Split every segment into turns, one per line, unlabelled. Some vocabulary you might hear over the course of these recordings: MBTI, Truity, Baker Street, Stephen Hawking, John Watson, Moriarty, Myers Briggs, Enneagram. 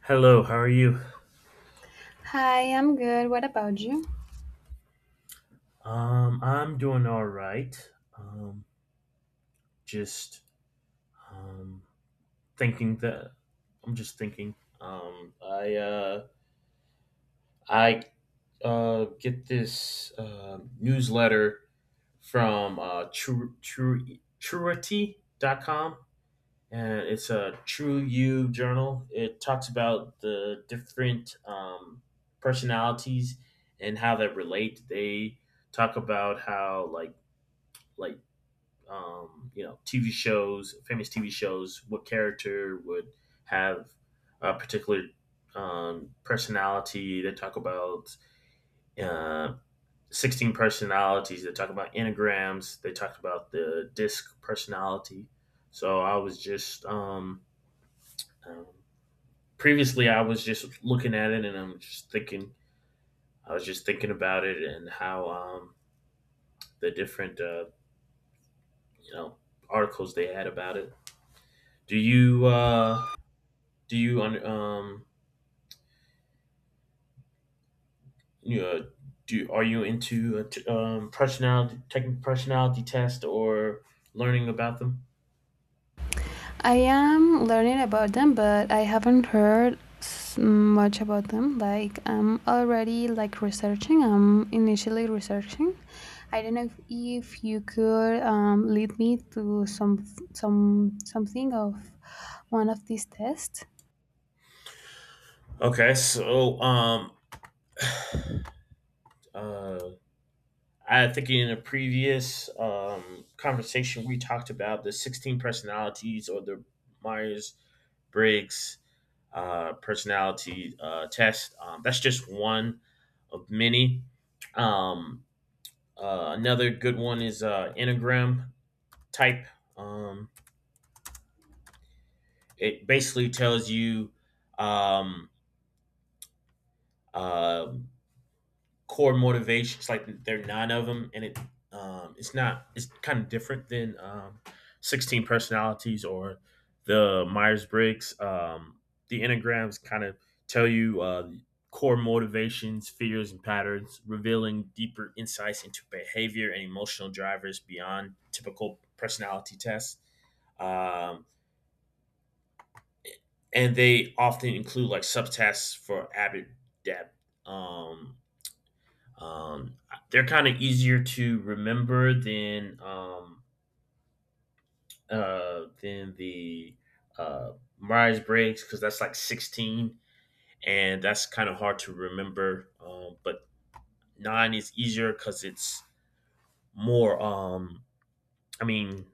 Hello, how are you?
Hi, I'm good. What about you?
I'm doing all right. Um, just um, thinking that I'm just thinking. Um, I uh, I get this newsletter from Truity.com, and it's a True You journal. It talks about the different personalities and how they relate. They talk about how like TV shows, famous TV shows, what character would have a particular personality. They talk about uh, 16 personalities. They talk about enneagrams. They talked about the disc personality. So I was um, previously, I was just looking at it and I'm just thinking, I was just thinking about it and how the different you know, articles they had about it. Do you, uh, Do you know, are you into personality, taking personality test or learning about them?
I am learning about them, but I haven't heard much about them. Like, I'm already like researching. I'm initially researching. I don't know if you could lead me to some something of one of these tests.
Okay, so uh I think in a previous conversation we talked about the 16 personalities or the Myers Briggs personality test. That's just one of many. Um, another good one is Enneagram type. Um, it basically tells you um, uh, core motivations. Like there are nine of them, and it it's not it's kind of different than 16 personalities or the Myers Briggs. The enneagrams kind of tell you core motivations, fears, and patterns, revealing deeper insights into behavior and emotional drivers beyond typical personality tests. Um, and they often include like subtasks for AbDab. Um, um, they're kind of easier to remember than the uh, Myers Briggs because that's like 16, and that's kind of hard to remember. But nine is easier because it's more. I mean,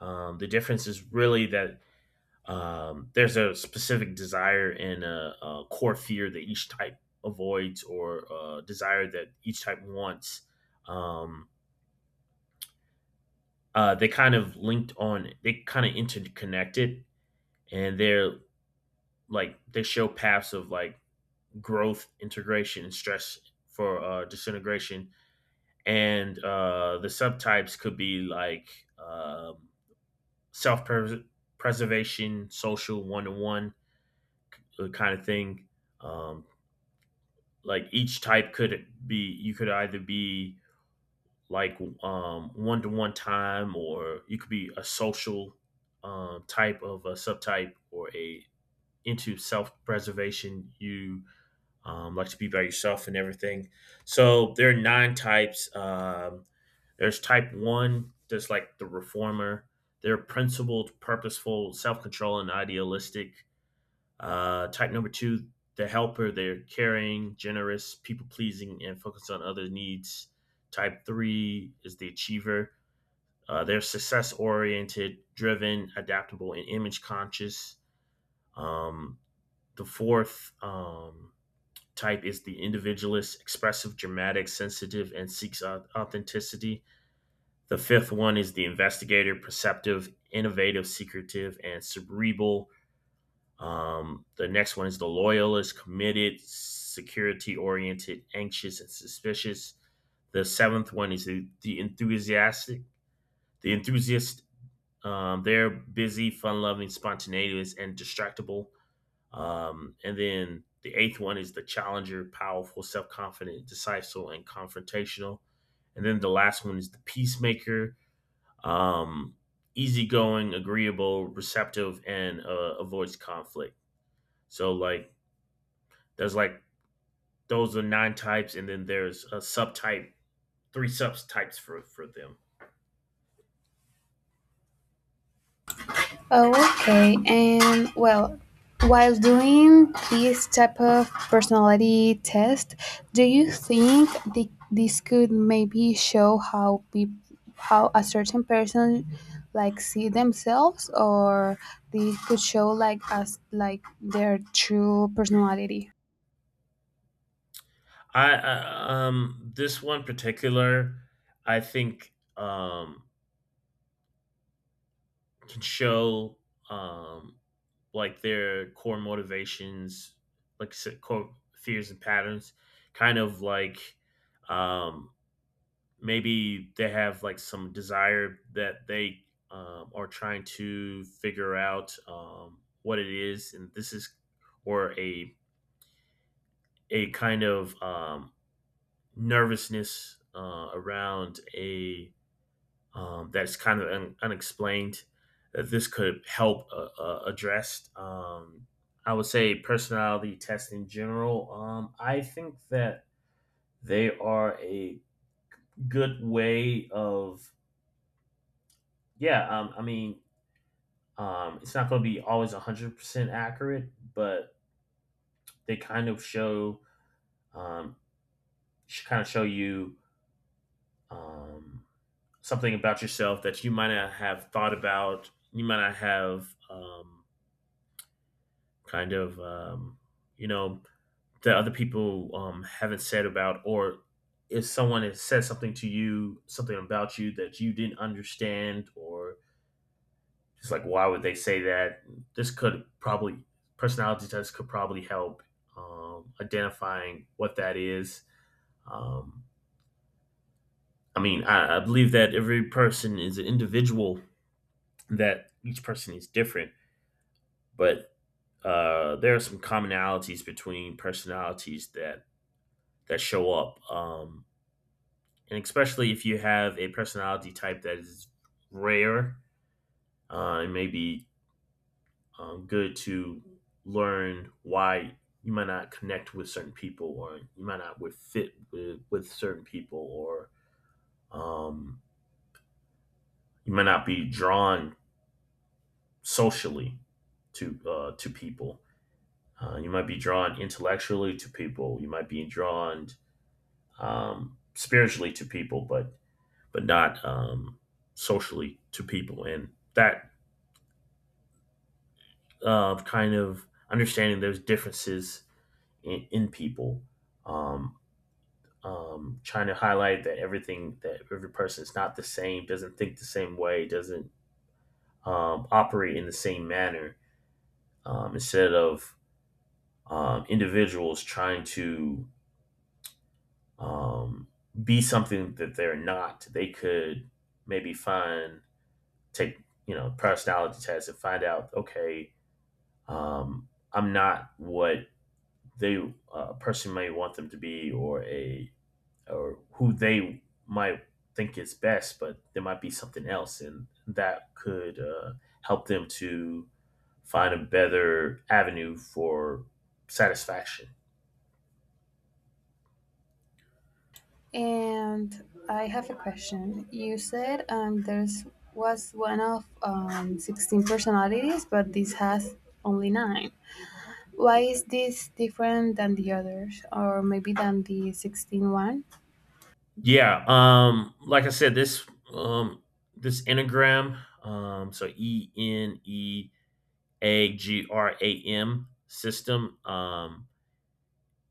the difference is really that there's a specific desire and a core fear that each type avoids, or a desire that each type wants. Um, they kind of linked on, they kind of interconnected, and they're like they show paths of like growth, integration, and stress for disintegration. And the subtypes could be like um self preservation, social, one to one kind of thing. um, like each type could be, you could either be like one to one time, or you could be a social type of a subtype, or a into self preservation, you like to be by yourself and everything. So there are nine types. There's type one, that's like the reformer. They're principled, purposeful, self-control, and idealistic. Uh, type number two, the helper. They're caring, generous, people pleasing, and focused on other needs. Type three is the achiever. They're success oriented, driven, adaptable, and image conscious. Um, the fourth type is the individualist, expressive, dramatic, sensitive, and seeks authenticity. The fifth one is the investigator, perceptive, innovative, secretive, and cerebral. The next one is the loyalist, committed, security oriented, anxious, and suspicious. The seventh one is the enthusiast. They're busy, fun loving, spontaneous, and distractible. And then the eighth one is the challenger, powerful, self confident, decisive, and confrontational. And then the last one is the peacemaker, um, easygoing, agreeable, receptive, and avoids conflict. So, like, those are nine types, and then there's a subtype, three subtypes for them.
Oh, okay. And well, while doing this type of personality test, do you think this could maybe show how peop how a certain person like see themselves, or they could show like us like their true personality?
I This one particular, I think can show um like their core motivations, like I said, core fears and patterns, kind of like um maybe they have like some desire that they are trying to figure out what it is, and this is, or a kind of nervousness around a that's kind of unexplained, that this could help address. I would say personality tests in general. I think that they are a good way of, yeah. I mean, it's not going to be always 100% accurate, but they kind of show um, kind of show you um, something about yourself that you might not have thought about. You might not have, kind of, um, you know, that other people haven't said about, or if someone has said something to you, something about you that you didn't understand, or just like, why would they say that? This could probably, Personality tests could probably help identifying what that is. Um, I mean, I believe that every person is an individual, that each person is different, but there are some commonalities between personalities that show up, and especially if you have a personality type that is rare, it may be good to learn why you might not connect with certain people, or you might not would fit with certain people, or um, you might not be drawn socially to people. You might be drawn intellectually to people. You might be drawn spiritually to people, but not socially to people, and that kind of, understanding there's differences in people. Um, Trying to highlight that everything, that every person is not the same, doesn't think the same way, doesn't operate in the same manner. Instead of individuals trying to um, be something that they're not, they could maybe find, take, personality tests, and find out, okay, um, I'm not what they, a person may want them to be, or a or who they might think is best, but there might be something else, and that could help them to find a better avenue for satisfaction.
And I have a question. You said there's was one of 16 personalities, but this has only nine. Why is this different than the others, or maybe than the 16 one?
Yeah. Like I said, this um, this enneagram, so ENE AGRAM system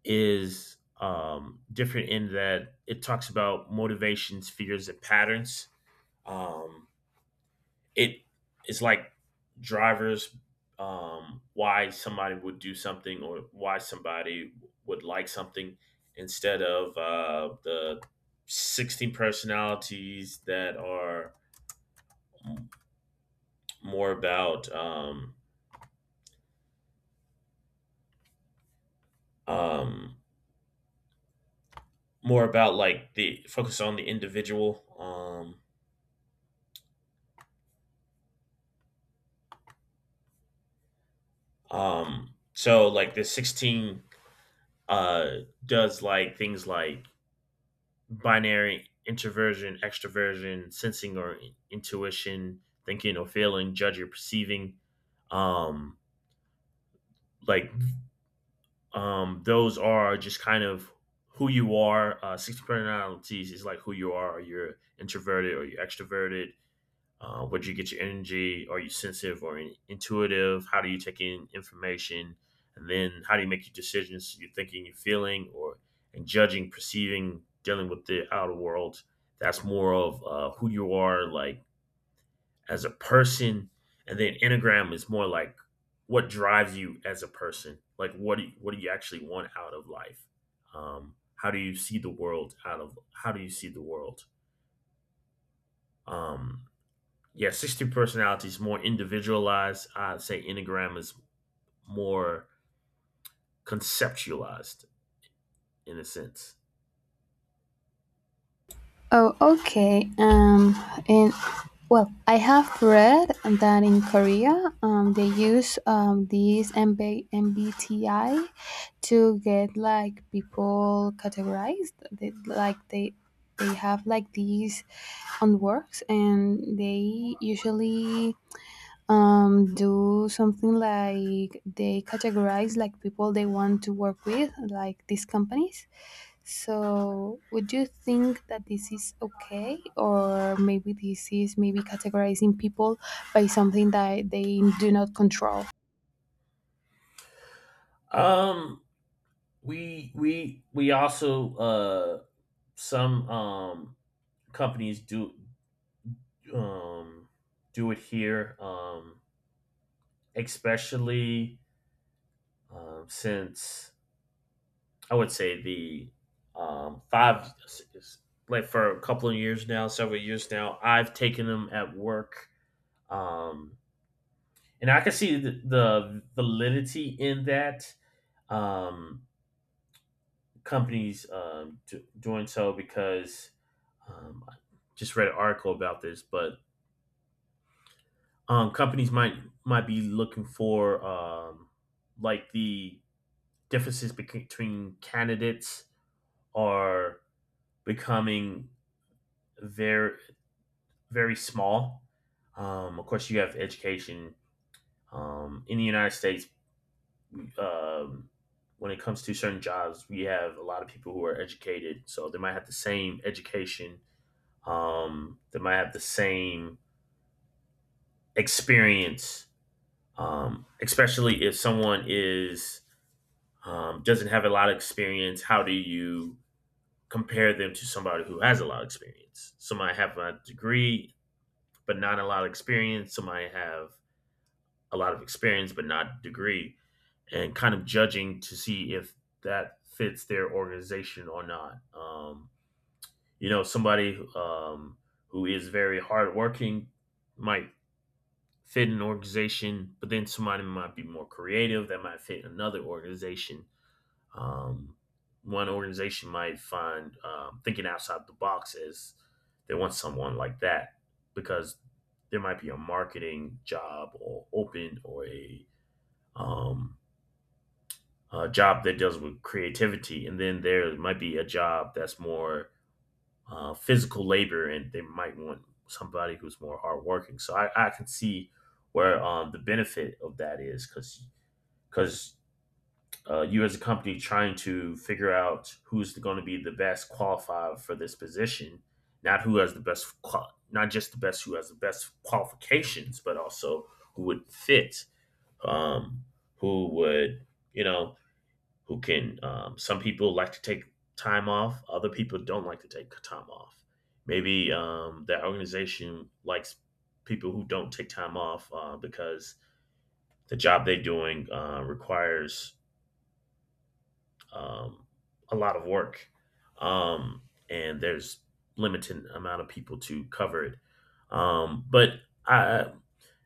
is different in that it talks about motivations, fears, and patterns. Um, it is like drivers, why somebody would do something, or why somebody would like something, instead of the 16 personalities that are more about um, um, more about like the focus on the individual. So like the 16 uh, does like things like binary introversion, extroversion, sensing or intuition, thinking or feeling, judging or perceiving. Um, like those are just kind of who you are. Six personalities is like who you are. You're introverted or you're extroverted. Where do you get your energy? Are you sensitive or intuitive? How do you take in information? And then how do you make your decisions? You're thinking, you're feeling, or and judging, perceiving, dealing with the outer world. That's more of who you are, like as a person. And then Enneagram is more like what drives you as a person. Like what do you actually want out of life? How do you see the world, out of how do you see the world? Um, yeah, 62 personality is more individualized. I'd say Enneagram is more conceptualized in a sense.
Oh, okay. And well, I have read that in Korea, they use these MBMBTI to get like people categorized. They have like these on works, and they usually do something like they categorize like people they want to work with like these companies. So would you think that this is okay, or maybe this is maybe categorizing people by something that they do not control?
Um, we also some companies do um do it here especially since I would say the five, like for a couple of years now, several years now, I've taken them at work, um and I can see the validity in that, um, companies doing so, because I just read an article about this, but companies might be looking for like the differences between candidates are becoming very very small. Of course, you have education in the United States. um, when it comes to certain jobs, we have a lot of people who are educated, so they might have the same education, they might have the same experience, especially if someone is doesn't have a lot of experience. How do you compare them to somebody who has a lot of experience? Some might have a degree but not a lot of experience. Some might have a lot of experience but not a degree. And kind of judging to see if that fits their organization or not. You know, somebody who is very hardworking might fit an organization, but then somebody might be more creative, that might fit another organization. Um, one organization might find thinking outside the box as, they want someone like that because there might be a marketing job or open, or um, a job that deals with creativity, and then there might be a job that's more physical labor, and they might want somebody who's more hardworking. So I can see where the benefit of that is because you as a company trying to figure out who's going to be the best qualified for this position, not who has the best, not just the best who has the best qualifications, but also who would fit, um, who would you know who can some people like to take time off, other people don't like to take time off. Maybe that organization likes people who don't take time off, because the job they're doing requires um, a lot of work, um, and there's limited amount of people to cover it. But I,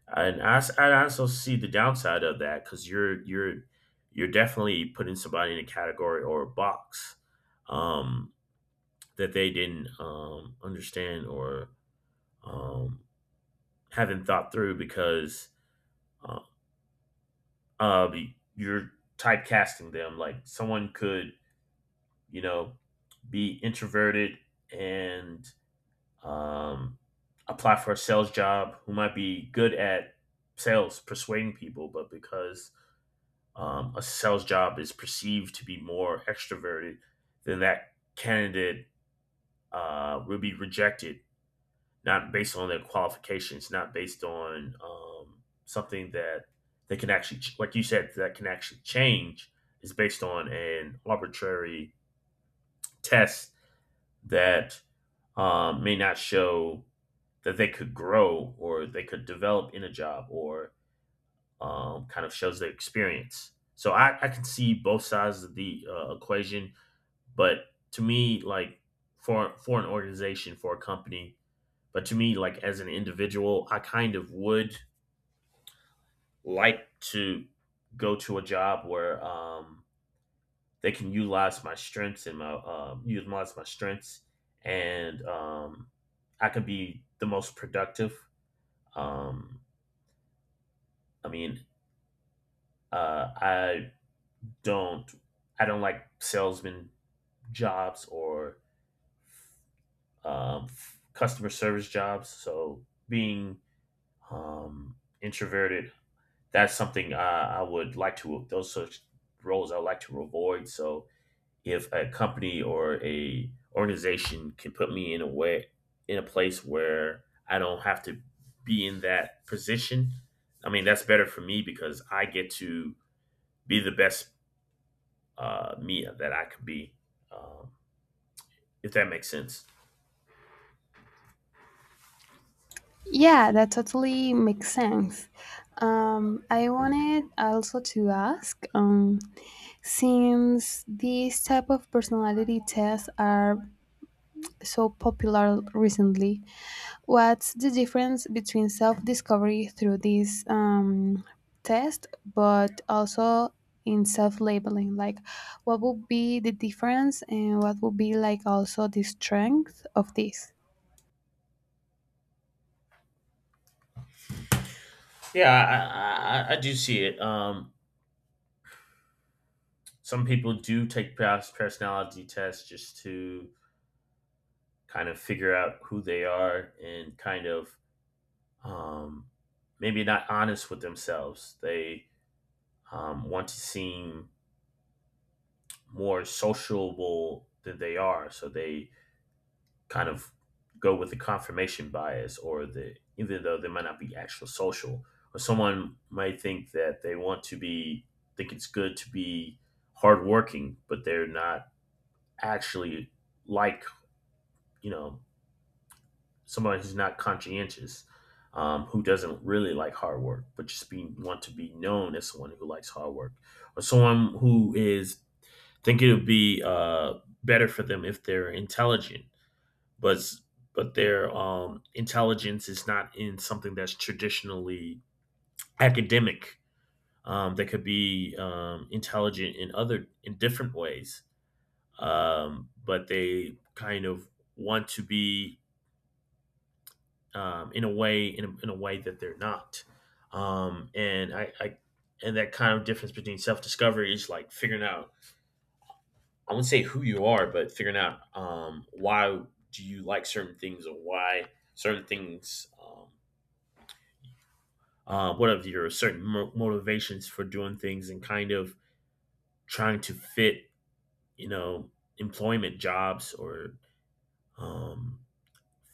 and I, s- I also see the downside of that because you're you're definitely putting somebody in a category or a box um, that they didn't understand or um, haven't thought through because uh, you're typecasting them. Like someone could you know be introverted and um, apply for a sales job, who might be good at sales, persuading people, but because a sales job is perceived to be more extroverted, then that candidate will be rejected, not based on their qualifications, not based on something that they can actually, like you said, that can actually change, is based on an arbitrary test that may not show that they could grow or they could develop in a job, or kind of shows their experience. So I can see both sides of the equation. But to me, like, for an organization, for a company, but to me, like as an individual, I kind of would like to go to a job where they can utilize my strengths and my and I can be the most productive. Um, I mean, uh, I don't I don't like salesman jobs or customer service jobs. So being um, introverted. That's something I would like to. Those such roles I would like to avoid. So if a company or a organization can put me in a way, in a place where I don't have to be in that position, I mean that's better for me because I get to be the best me that I can be. Um, if that makes sense.
Yeah, that totally makes sense. I wanted also to ask, since these type of personality tests are so popular recently, what's the difference between self discovery through this test, but also in self labeling? Like, what would be the difference, and what would be like also the strength of this?
Yeah, I do see it. Some people do take personality tests just to kind of figure out who they are, and kind of um, maybe not honest with themselves. They want to seem more sociable than they are, so they kind of go with the confirmation bias, or the even though they might not be actual social, or someone might think that they want to be, think it's good to be hardworking, but they're not actually, like, you know somebody who's not conscientious, who doesn't really like hard work, but just be want to be known as someone who likes hard work, or someone who is, think it would be better for them if they're intelligent, but their intelligence is not in something that's traditionally academic. They could be intelligent in other, in different ways, but they kind of want to be in a way, in a way that they're not. And I And that kind of difference between self-discovery is like figuring out, I wouldn't say who you are, but figuring out why do you like certain things, or why certain things what are your certain motivations for doing things, and kind of trying to fit, you know employment jobs or um,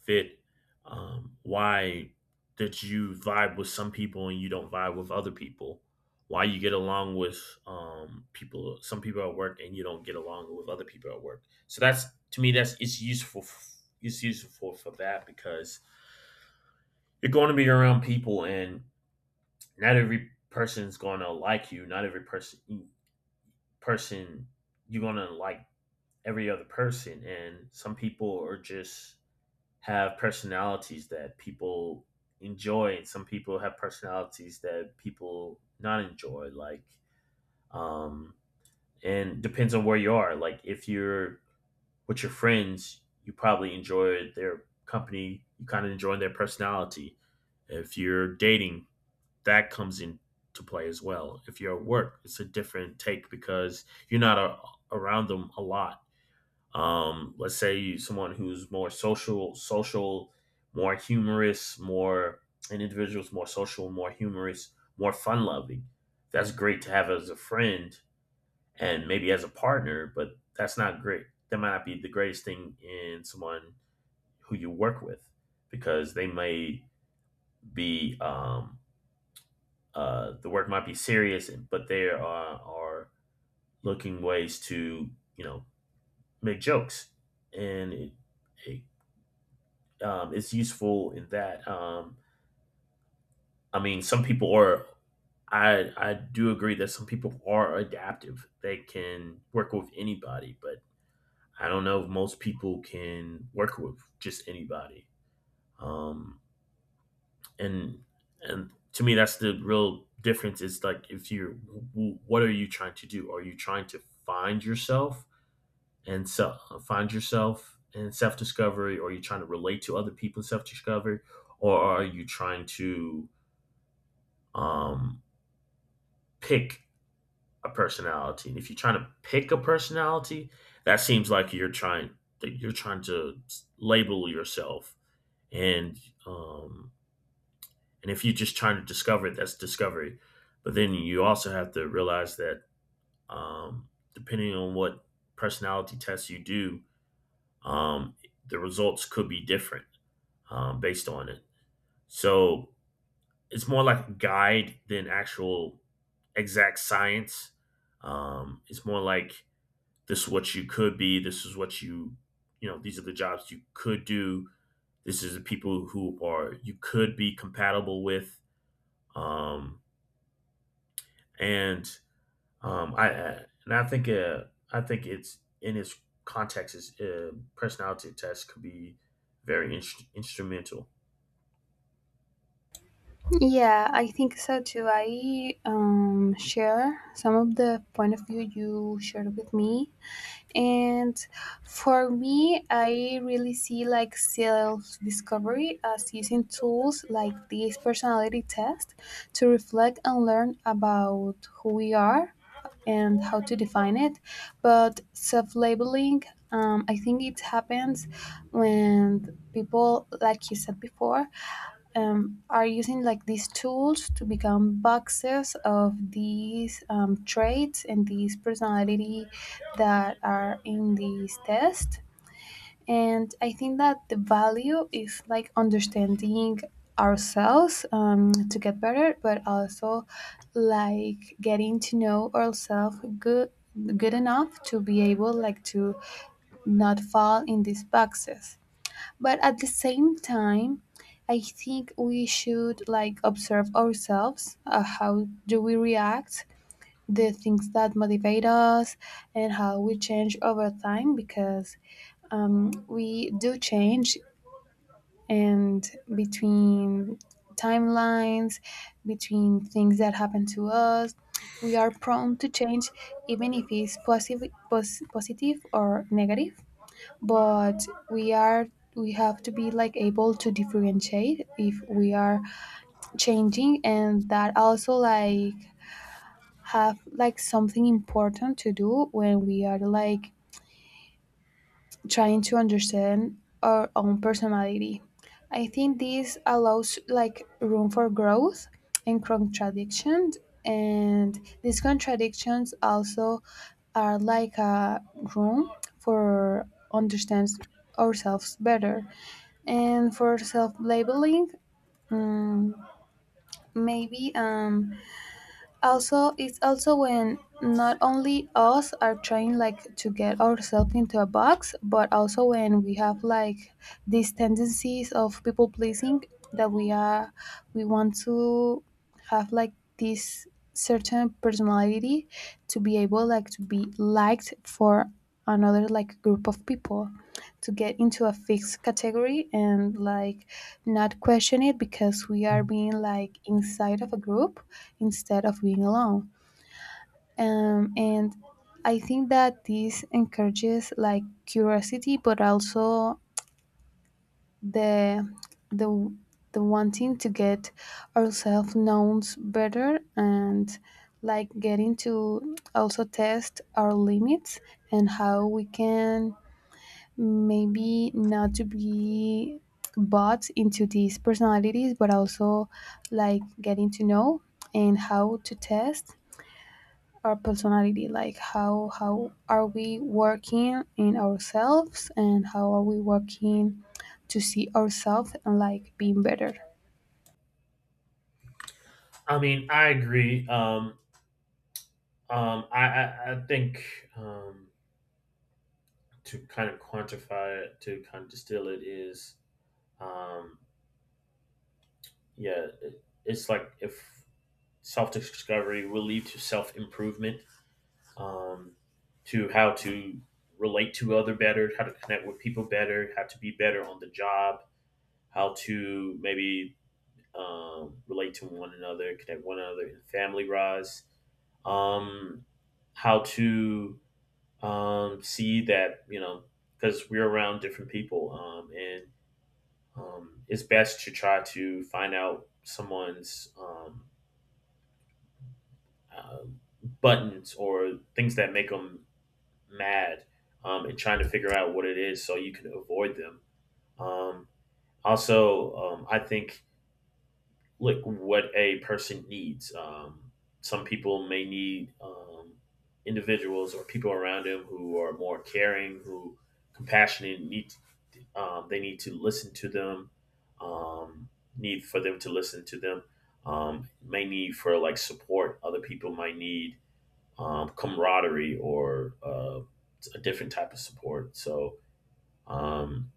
fit? Why that you vibe with some people and you don't vibe with other people? Why you get along with people, some people at work, and you don't get along with other people at work? So that's, to me, that's, it's useful. It's useful for that because you're going to be around people, and not every person's going to like you. Not every person you're going to like every other person, and some people are just have personalities that people enjoy, and some people have personalities that people not enjoy, like, um and depends on where you are. Like if you're with your friends, you probably enjoy their company, you kind of enjoy their personality. If you're dating, that comes into play as well. If you're at work, it's a different take because you're not a, around them a lot. Let's say someone who's more social, more humorous, more, an individual's more social, more humorous, more fun loving, that's great to have as a friend and maybe as a partner, but that's not great, that might not be the greatest thing in someone who you work with, because they may be the work might be serious, but they are looking ways to, you know make jokes. And it it's useful in that. I mean, some people are. I do agree that some people are adaptive. They can work with anybody, but I don't know if most people can work with just anybody. Um, and and to me, that's the real difference. Is like, if you are, what are you trying to do? Are you trying to find yourself and self, find yourself and self discovery, or are you trying to relate to other people in self discovery, or are you trying to um, pick a personality? And if you're trying to pick a personality, that seems like you're trying that you're trying to label yourself. And um, and if you're just trying to discover it, that's discovery. But then you also have to realize that um, depending on what personality tests you do, um, the results could be different based on it. So it's more like a guide than actual exact science. It's more like, this is what you could be. This is what you know, these are the jobs you could do. This is the people who are you could be compatible with. Um, and and I think it's in its context, is personality test could be very instrumental.
Yeah, I think so too. I share some of the point of view you shared with me. And for me, I really see like self discovery as using tools like this personality test to reflect and learn about who we are and how to define it. But self labeling, I think it happens when people, like you said before, are using like these tools to become boxes of these traits and these personality that are in these tests. And I think that the value is like understanding ourselves, to get better, but also like getting to know ourselves good good enough to be able like to not fall in these boxes, but at the same time I think we should like observe ourselves, how do we react, the things that motivate us, and how we change over time because we do change, and between timelines, between things that happen to us, we are prone to change, even if it's positive or negative. But we are, we have to be like able to differentiate if we are changing, and that also like have like something important to do when we are like trying to understand our own personality. I think this allows like room for growth and contradictions, and these contradictions also are like a room for understand ourselves better. And for self-labeling, mm, maybe also it's also when not only us are trying like to get ourselves into a box, but also when we have like these tendencies of people pleasing, that we are, we want to have like this certain personality to be able like to be liked for another like group of people, to get into a fixed category, and like not question it because we are being like inside of a group instead of being alone. And I think that this encourages like curiosity, but also the the the wanting to get ourselves known better, and like getting to also test our limits and how we can maybe not to be bought into these personalities, but also like getting to know and how to test our personality, like how are we working in ourselves and how are we working to see ourselves and like being better.
I mean, I agree. I think um, to kind of quantify it, to kind of distill it is, um, yeah, it's like if self discovery will lead to self improvement, um, to how to relate to other better, how to connect with people better, how to be better on the job, how to maybe relate to one another, connect one another in family rise, um, how to see that, you know, because we're around different people and it's best to try to find out someone's uh, buttons or things that make them mad, and trying to figure out what it is so you can avoid them. Um, Also, I think look what a person needs. Some people may need individuals or people around them who are more caring, who compassionate, need, they need to listen to them. Um, Need for them to listen to them. May need for like support. Other people might need camaraderie or a different type of support. So um,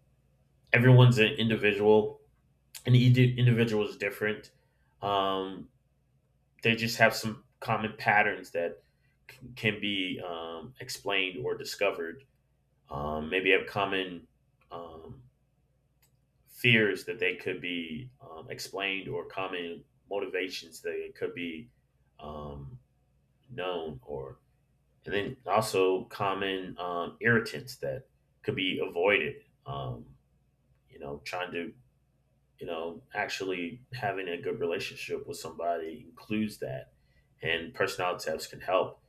everyone's an individual, and each individual is different. Um, they just have some common patterns that can be explained or discovered. Maybe have common um, fears that they could be explained, or common motivations that it could be um, known, or, and then also common irritants that could be avoided. um, Trying to, you know, actually having a good relationship with somebody includes that, and personality tests can help.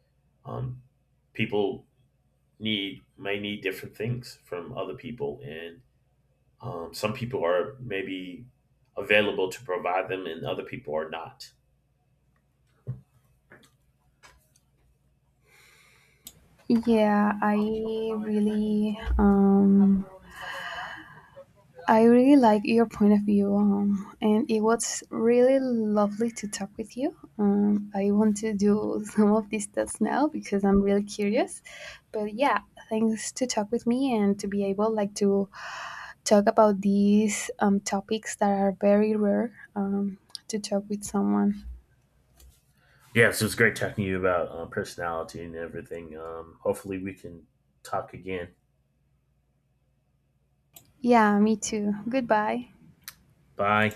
um, People need, may need different things from other people. And some people are maybe available to provide them, and other people are not.
Yeah, really um I really like your point of view, and it was really lovely to talk with you. I want to do some of these tests now because I'm really curious. But yeah, thanks to talk with me and to be able like to talk about these topics that are very rare to talk with someone.
Yeah, so it's great talking to you about personality and everything. Hopefully, we can talk again.
Yeah, me too. Goodbye.
Bye.